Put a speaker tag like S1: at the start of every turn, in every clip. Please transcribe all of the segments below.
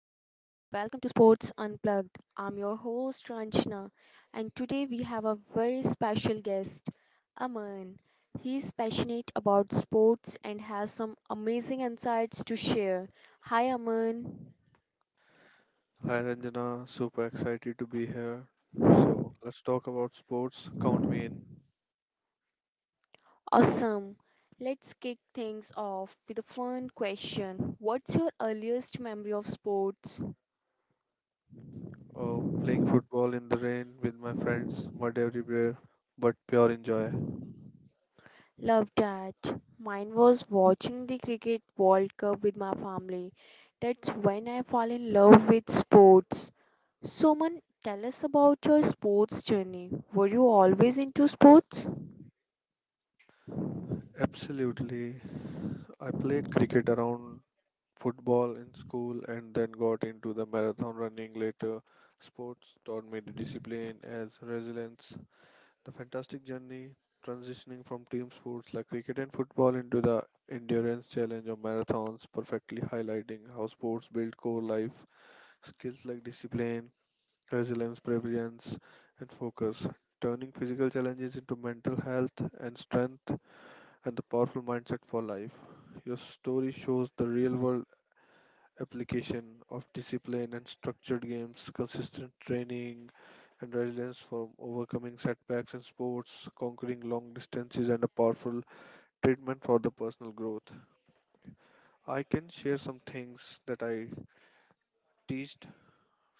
S1: lover. Welcome to Sports Unplugged. I'm your host Ranjana, and today we have a very special guest, Aman. He's passionate about sports and has some amazing insights to share. Hi, Aman.
S2: Hi Ranjana, super excited to be here. So let's talk about sports. Count me in.
S1: Awesome. Let's kick things off with a fun question. What's your earliest memory of sports?
S2: Oh, playing football in the rain with my friends, mud everywhere, but pure enjoy.
S1: Love that. Mine was watching the Cricket World Cup with my family. That's when I fall in love with sports. Suman, tell us about your sports journey. Were you always into sports?
S2: Absolutely. I played cricket around football in school and then got into the marathon running later. Sports taught me the discipline as resilience. The fantastic journey transitioning from team sports like cricket and football into the endurance challenge of marathons, perfectly highlighting how sports build core life skills like discipline, resilience, preference, and focus, turning physical challenges into mental health and strength and the powerful mindset for life. Your story shows the real world application of discipline and structured games, consistent training, and resilience from overcoming setbacks in sports, conquering long distances, and a powerful treatment for the personal growth. I can share some things that I teached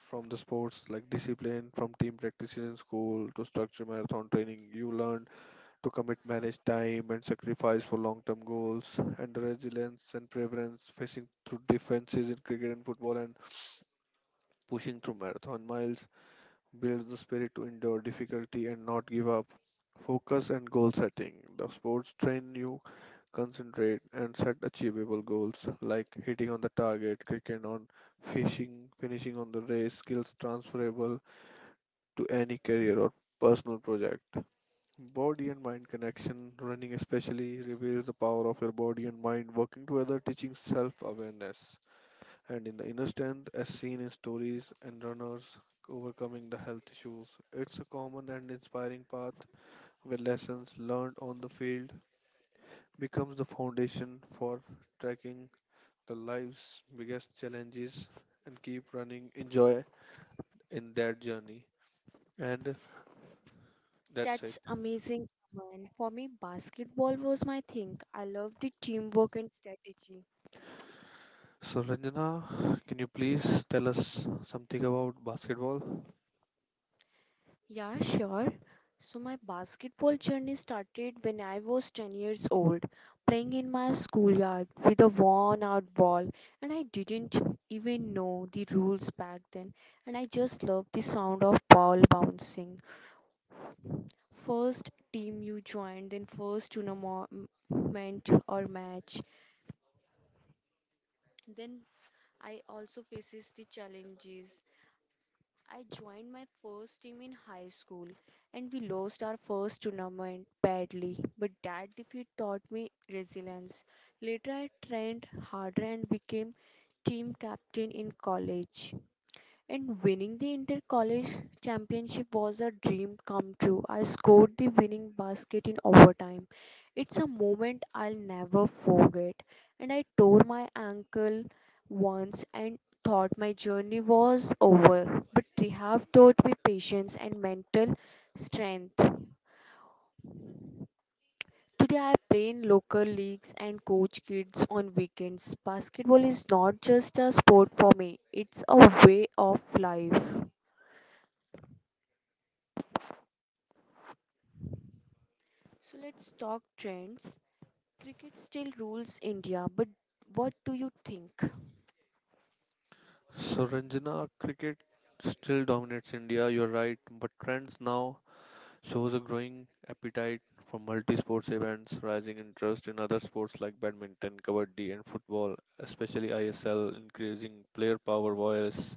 S2: from the sports, like discipline from team practices in school to structure marathon training. You learn to commit, manage time, and sacrifice for long term goals, and the resilience and preference facing through defenses in cricket and football and pushing through marathon miles builds the spirit to endure difficulty and not give up. Focus and goal setting. The sports train you concentrate and set achievable goals like hitting on the target, kicking on fishing, finishing on the race, skills transferable to any career or personal project. Body and mind connection. Running especially reveals the power of your body and mind working together, teaching self awareness. And in the inner strength, as seen in stories and runners overcoming the health issues, it's a common and inspiring path where lessons learned on the field becomes the foundation for tracking the life's biggest challenges and keep running enjoy in that journey. And that's it.
S1: That's amazing, man. For me, basketball was my thing. I love the teamwork and strategy.
S2: So Ranjana, can you please tell us something about basketball?
S1: Yeah, sure. So my basketball journey started when I was 10 years old, playing in my schoolyard with a worn out ball, and I didn't even know the rules back then, and I just loved the sound of ball bouncing. First team you joined, then first tournament or match. Then I also faces the challenges. I joined my first team in high school and we lost our first tournament badly, but that defeat taught me resilience. Later, I trained harder and became team captain in college. And winning the inter college championship was a dream come true. I scored the winning basket in overtime. It's a moment I'll never forget. And I tore my ankle once and thought my journey was over. But rehab taught me patience and mental strength. Today I play in local leagues and coach kids on weekends. Basketball is not just a sport for me, it's a way of life. So let's talk trends. Cricket still rules India, but what do you think?
S2: So Ranjana, cricket still dominates India, you're right, but trends now shows a growing appetite for multi sports events, rising interest in other sports like badminton, kabaddi, and football, especially ISL, increasing player power voice,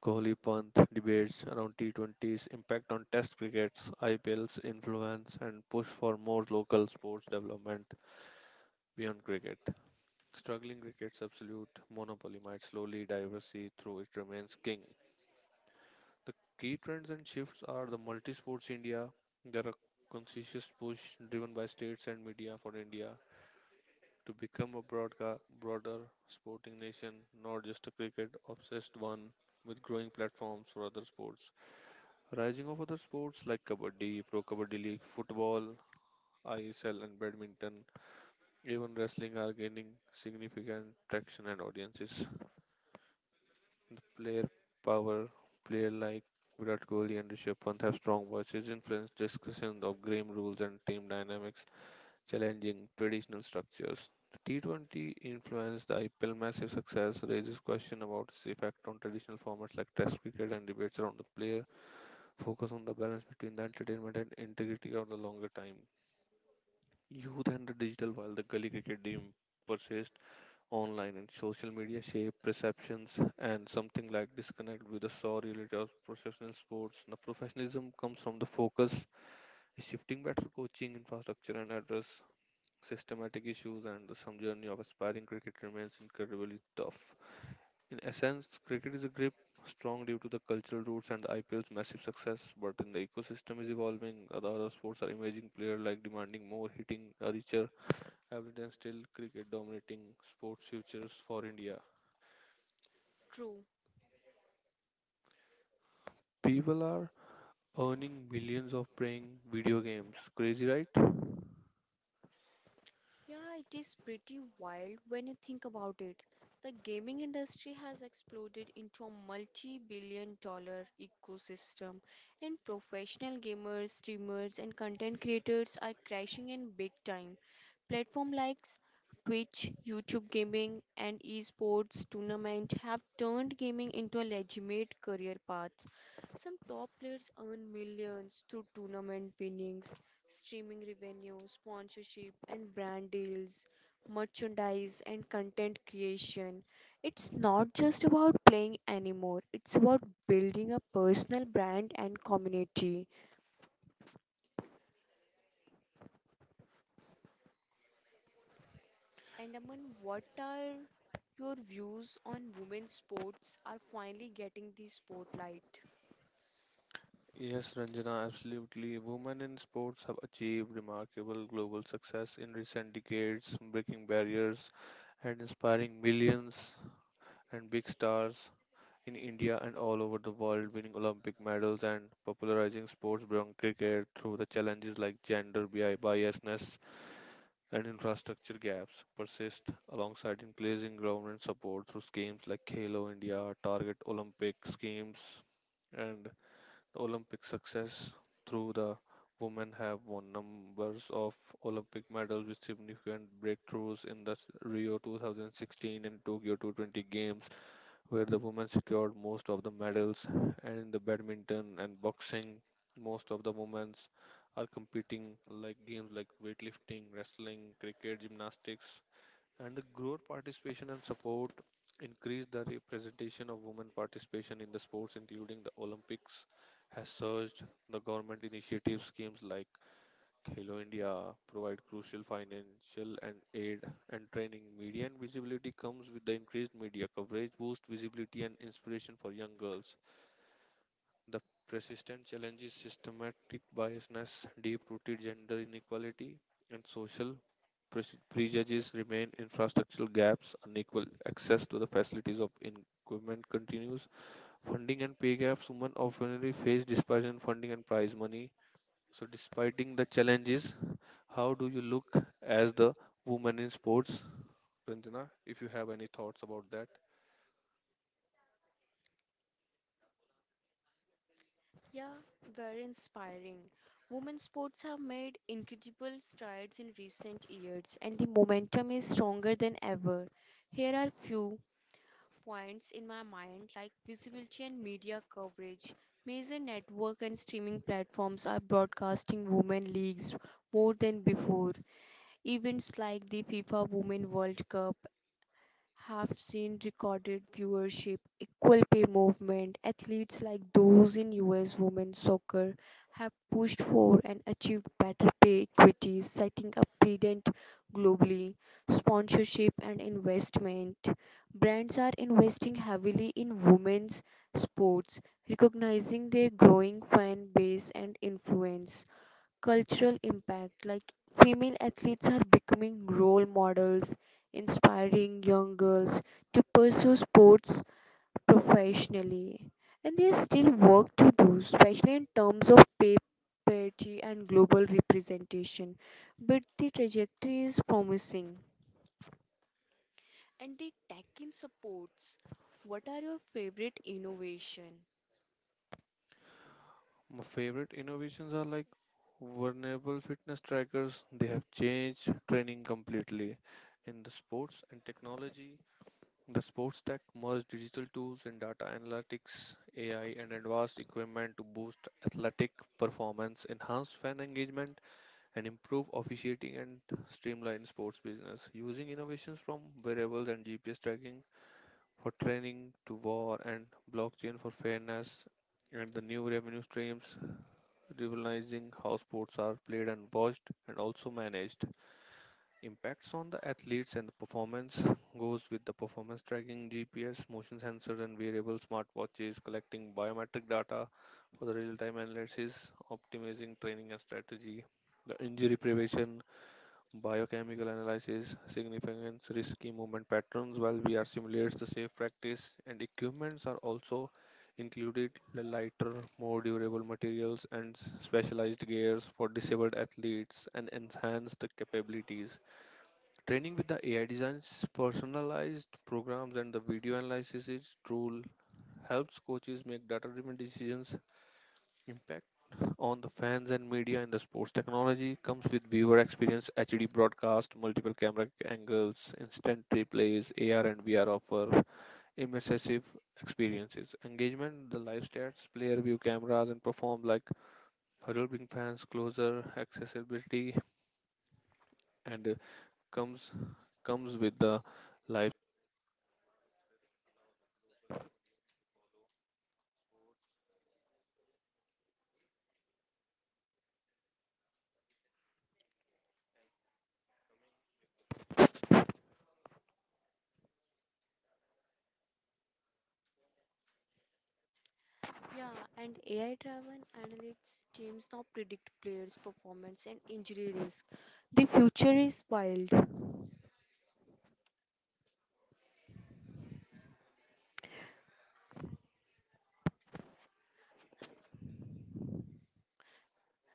S2: Kohli Pant debates around T20's impact on Test cricket's IPL's influence, and push for more local sports development beyond cricket. Struggling cricket's absolute monopoly might slowly diversify through it remains king. The key trends and shifts are the multi sports India. There are conscious push driven by states and media for India to become a broader sporting nation, not just a cricket obsessed one, with growing platforms for other sports. Rising of other sports like Kabaddi, Pro Kabaddi League, football, ISL, and badminton, even wrestling are gaining significant traction and audiences. The player power, player like Virat Kohli and Rishabh Pant have strong voices, influence discussion of game rules and team dynamics, challenging traditional structures. The T20 influenced the IPL massive success, raises question about its effect on traditional formats like Test cricket and debates around the player, focus on the balance between the entertainment and integrity of the longer time. Youth and the digital while the gully cricket dream persists online and social media shape perceptions and something like disconnect with the saw related of professional sports. Now, professionalism comes from the focus, shifting better coaching infrastructure and address systematic issues, and the some journey of aspiring cricket remains incredibly tough. In essence, cricket is a grip strong due to the cultural roots and the IPL's massive success, but in the ecosystem is evolving. Other sports are emerging player like demanding more hitting, a richer average, and still cricket dominating sports features for India.
S1: True.
S2: People are earning billions of playing video games. Crazy, right?
S1: Yeah, it is pretty wild when you think about it. The gaming industry has exploded into a multi billion dollar ecosystem, and professional gamers, streamers, and content creators are crashing in big time. Platforms like Twitch, YouTube Gaming, and esports tournament have turned gaming into a legitimate career path. Some top players earn millions through tournament winnings, streaming revenue, sponsorship and brand deals, merchandise and content creation. It's not just about playing anymore, it's about building a personal brand and community. And Aman, what are your views on women's sports are finally getting the spotlight?
S2: Yes, Ranjana, absolutely. Women in sports have achieved remarkable global success in recent decades, breaking barriers and inspiring millions and big stars in India and all over the world, winning Olympic medals and popularizing sports beyond cricket through the challenges like gender biasness and infrastructure gaps persist alongside increasing government support through schemes like Halo India, Target Olympic schemes, and Olympic success through the women have won numbers of Olympic medals with significant breakthroughs in the Rio 2016 and Tokyo 2020 games where the women secured most of the medals, and in the badminton and boxing, most of the women's are competing like games like weightlifting, wrestling, cricket, gymnastics, and the growth participation and support increased the representation of women participation in the sports including the olympics has surged. The government initiative schemes like Hello India provide crucial financial and aid and training. Media and visibility comes with the increased media coverage, boost visibility and inspiration for young girls. The persistent challenges systematic biasness, deep-rooted gender inequality, and social prejudices remain infrastructural gaps, unequal access to the facilities of in- government continues. Funding and pay gaps women often face disparity in funding and prize money. So, despite the challenges, how do you look as the woman in sports? Ranjana, if you have any thoughts about that.
S1: Yeah, very inspiring. Women's sports have made incredible strides in recent years, and the momentum is stronger than ever. Here are few points in my mind like visibility and media coverage. Major network and streaming platforms are broadcasting women leagues more than before. Events like the FIFA Women World Cup have seen recorded viewership, equal pay movement. Athletes like those in US women's soccer have pushed for and achieved better pay equities, setting a precedent globally. Sponsorship and investment. Brands are investing heavily in women's sports, recognizing their growing fan base and influence cultural impact like female athletes are becoming role models inspiring young girls to pursue sports professionally, and there's still work to do, especially in terms of pay parity and global representation, but the trajectory is promising. And the tech in supports, what are your favorite innovation?
S2: My favorite innovations are like vulnerable fitness trackers. They have changed training completely in the sports and technology. The sports tech merged digital tools and data analytics, AI, and advanced equipment to boost athletic performance, enhance fan engagement, and improve officiating and streamline sports business. Using innovations from wearables and GPS tracking, for training to war and blockchain for fairness and the new revenue streams revolutionizing how sports are played and watched and also managed impacts on the athletes and the performance goes with the performance tracking GPS motion sensors and wearable smartwatches collecting biometric data for the real-time analysis optimizing training and strategy the injury prevention. Biochemical analysis significance risky movement patterns while VR simulates the safe practice and equipments are also included the lighter, more durable materials and specialized gears for disabled athletes and enhance the capabilities. Training with the AI designs, personalized programs and the video analysis tool helps coaches make data-driven decisions. Impact on the fans and media in the sports technology comes with viewer experience, HD broadcast, multiple camera angles, instant replays, AR and VR offer, immersive experiences, engagement, the live stats, player view cameras, and perform like huddle.
S1: Yeah, and AI driven analytics teams now predict players' performance and injury risk. The future is wild.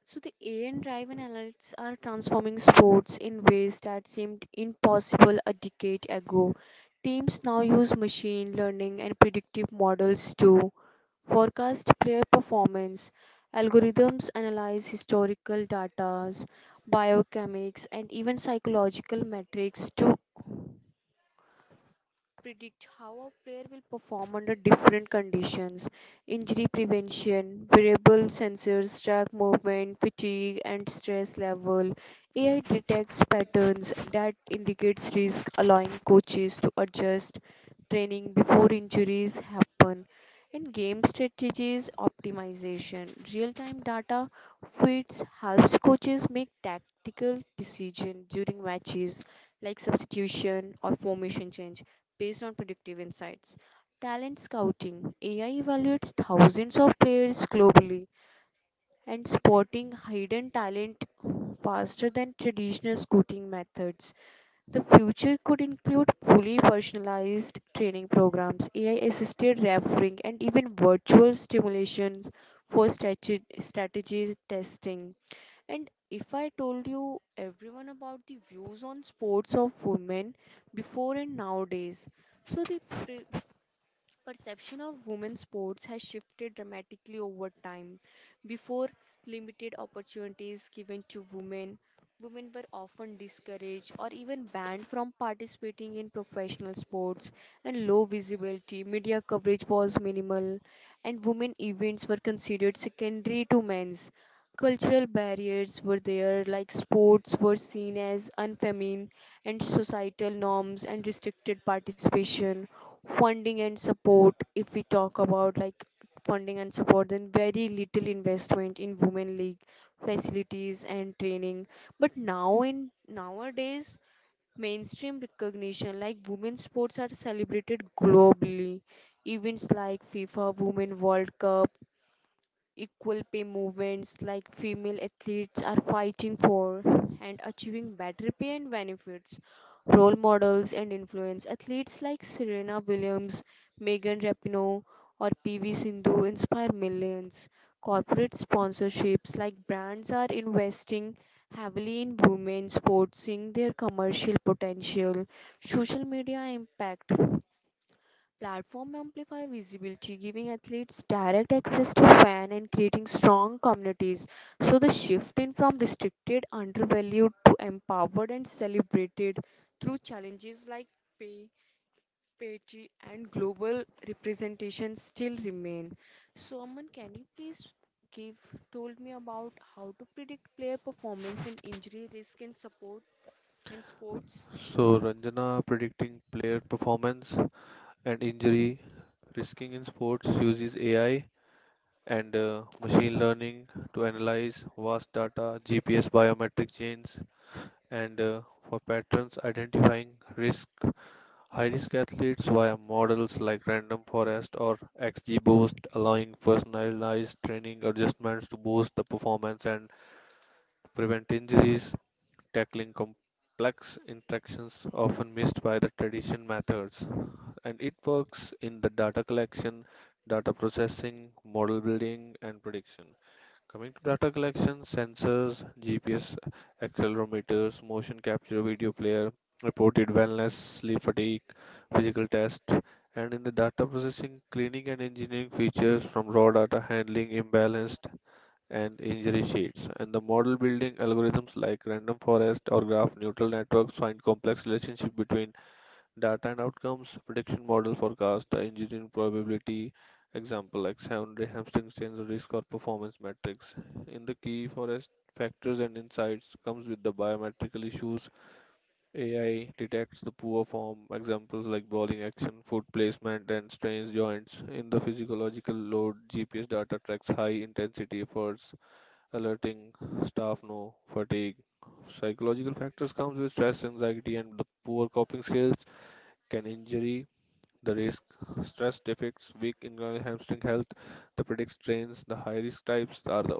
S1: So, the AI driven analytics are transforming sports in ways that seemed impossible a decade ago. Teams now use machine learning and predictive models to forecast player performance. Algorithms analyze historical data, biochemics, and even psychological metrics to predict how a player will perform under different conditions. Injury prevention, wearable sensors track movement, fatigue, and stress level. AI detects patterns that indicates risk, allowing coaches to adjust training before injuries happen. And game strategies optimization. Real-time data feeds helps coaches make tactical decision during matches like substitution or formation change based on predictive insights. Talent scouting AI evaluates thousands of players globally and spotting hidden talent faster than traditional scouting methods. The future could include fully personalized training programs, AI assisted refereeing, and even virtual stimulations for strategy testing. And if I told you everyone about the views on sports of women before and nowadays, so the perception of women's sports has shifted dramatically over time. Before, limited opportunities given to women, women were often discouraged or even banned from participating in professional sports, and low visibility, media coverage was minimal, and women events were considered secondary to men's. Cultural barriers were there, like sports were seen as unfeminine, and societal norms and restricted participation funding and support. If we talk about like funding and support, then very little investment in women league facilities and training. But now in nowadays, mainstream recognition like women's sports are celebrated globally, events like FIFA women world cup, equal pay movements like female athletes are fighting for and achieving better pay and benefits. Role models and influence athletes like Serena Williams, Megan Rapinoe, or PV Sindhu inspire millions. Corporate sponsorships like brands are investing heavily in women's sports, seeing their commercial potential. Social media impact. Platform amplify visibility, giving athletes direct access to fan and creating strong communities. So shifting from restricted, undervalued to empowered and celebrated through challenges like pay, parity, and global representation still remain. So Aman, can you please give told me about how to predict player performance and injury risk in support and sports?
S2: So Ranjana, predicting player performance and injury, risking in sports uses AI and machine learning to analyze vast data, GPS biometric chains, and for patterns identifying risk. High-risk athletes via models like Random Forest or XGBoost, allowing personalized training adjustments to boost the performance and prevent injuries, tackling complex interactions often missed by the traditional methods. And it works in the data collection, data processing, model building, and prediction. Coming to data collection, sensors, GPS, accelerometers, motion capture video player, reported wellness, sleep fatigue, physical test, and in the data processing, cleaning and engineering features from raw data handling, imbalanced, and injury sheets. And the model building algorithms like random forest or graph neural networks find complex relationship between data and outcomes, prediction model forecast, engineering probability, example like secondary hamstring strains risk or performance metrics. In the key forest factors and insights comes with the biometrical issues. AI detects the poor form, examples like bowling action, foot placement, and strains joints. In the physiological load, GPS data tracks high intensity efforts, alerting staff no fatigue. Psychological factors comes with stress, anxiety, and the poor coping skills. Can injury the risk stress defects weak ingrown hamstring health. The predicts strains. The high risk types are the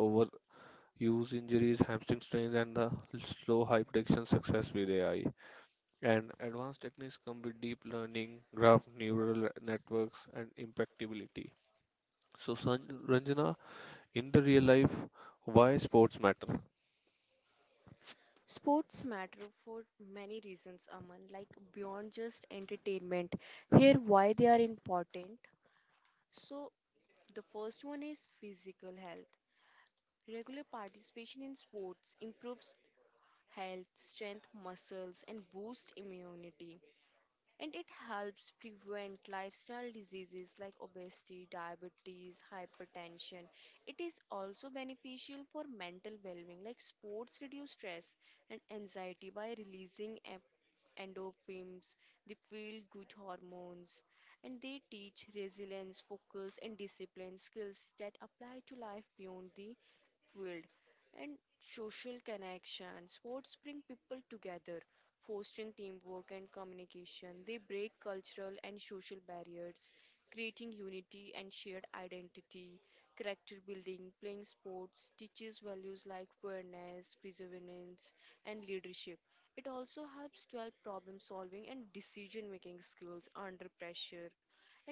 S2: overuse injuries, hamstring strains, and the slow high prediction success with AI. And advanced techniques come with deep learning, graph neural networks, and impactability. So, Ranjana, in the real life, why sports matter?
S1: Sports matter for many reasons, Aman, like beyond just entertainment. Here, why they are important. So, the first one is physical health. Regular participation in sports improves health, strength, muscles, and boosts immunity, and it helps prevent lifestyle diseases like obesity, diabetes, hypertension. It is also beneficial for mental well-being like sports reduce stress and anxiety by releasing endorphins, the feel-good hormones, and they teach resilience, focus, and discipline skills that apply to life beyond the field. And social connection. Sports bring people together, fostering teamwork and communication. They break cultural and social barriers, creating unity and shared identity. Character building, playing sports teaches values like fairness, perseverance, and leadership. It also helps develop problem solving and decision making skills under pressure.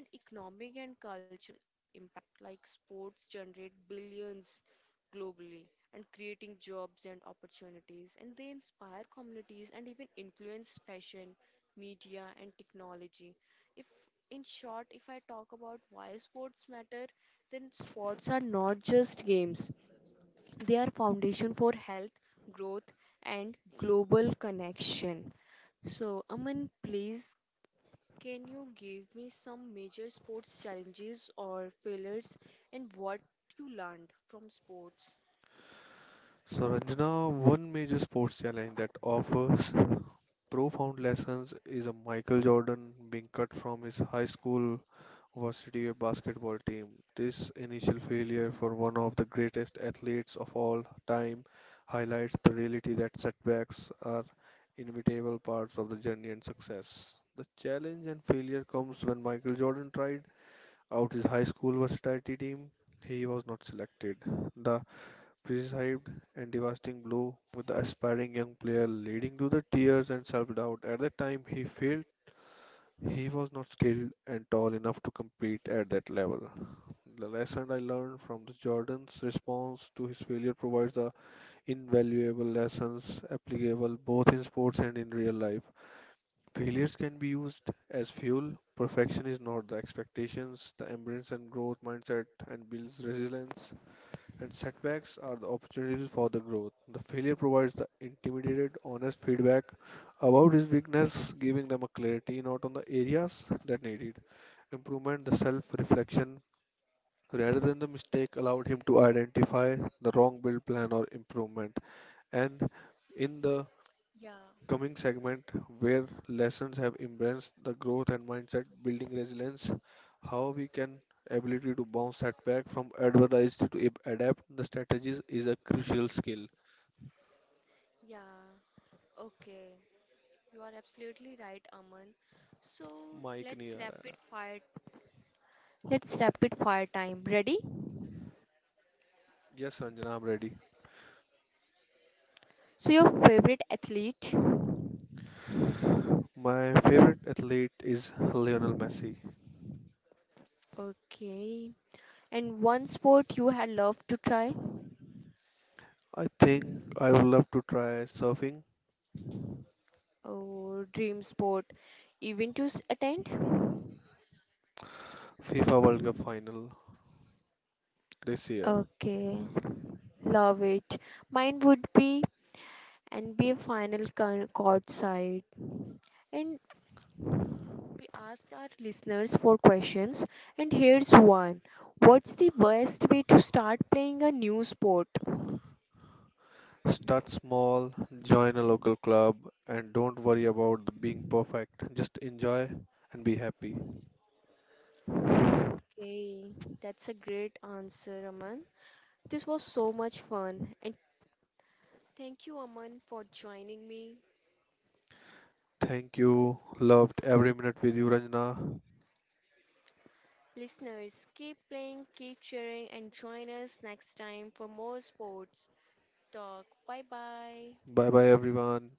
S1: And economic and cultural impact like sports generate billions globally and creating jobs and opportunities. And they inspire communities and even influence fashion, media, and technology. If, in short, if I talk about why sports matter, then sports are not just games, they are foundation for health, growth, and global connection. So, Aman, please can you give me some major sports challenges or failures and what you learned from sports?
S2: So, Ranjana, one major sports challenge offers profound lessons is a Michael Jordan being cut from his high school varsity basketball team. This initial failure for one of the greatest athletes of all time highlights the reality that setbacks are inevitable parts of the journey and success. The challenge and failure comes when Michael Jordan tried out his high school varsity team. He was not selected. The prescribed and lasting blow with the aspiring young player leading to the tears and self-doubt. At the time he failed, he was not skilled and tall enough to compete at that level. The lesson I learned from the Jordan's response to his failure provides the invaluable lessons applicable both in sports and in real life. Failures can be used as fuel. Perfection is not the expectations, the embrace and growth mindset and builds resilience. And setbacks are the opportunities for the growth. The failure provides the intimidated, honest feedback about his weakness, giving them a clarity in all the areas that need it. Improvement, the self reflection so, rather than the mistake allowed him to identify the wrong build plan or improvement. And in the
S1: Yeah.
S2: coming segment where lessons have embraced the growth and mindset building resilience, how we can ability to bounce setback from advertised to adapt strategies is a crucial skill.
S1: Yeah, okay. You are absolutely right, Aman. So
S2: Mike
S1: let's
S2: Niara.
S1: rapid fire. Let's rapid fire time. Ready?
S2: Yes, Ranjan, I'm ready.
S1: So your favorite athlete?
S2: My favorite athlete is Lionel Messi.
S1: Okay. And one sport you had loved to try?
S2: I think I would love to try surfing.
S1: Oh, dream sport. Even to attend?
S2: FIFA World Cup final this year.
S1: Okay, love it. Mine would be NBA final court side. And we asked our listeners for questions, and here's one. What's the best way to start playing a new sport?
S2: Start small, join a local club, and don't worry about the being perfect. Just try and be happy.
S1: Okay, that's a great answer, Aman. This was so much fun, and thank you, Aman, for joining me.
S2: Thank you. Loved every minute with you, Ranjana.
S1: Listeners, keep playing, keep cheering, and join us next time for more sports talk. Bye bye.
S2: Bye bye, everyone.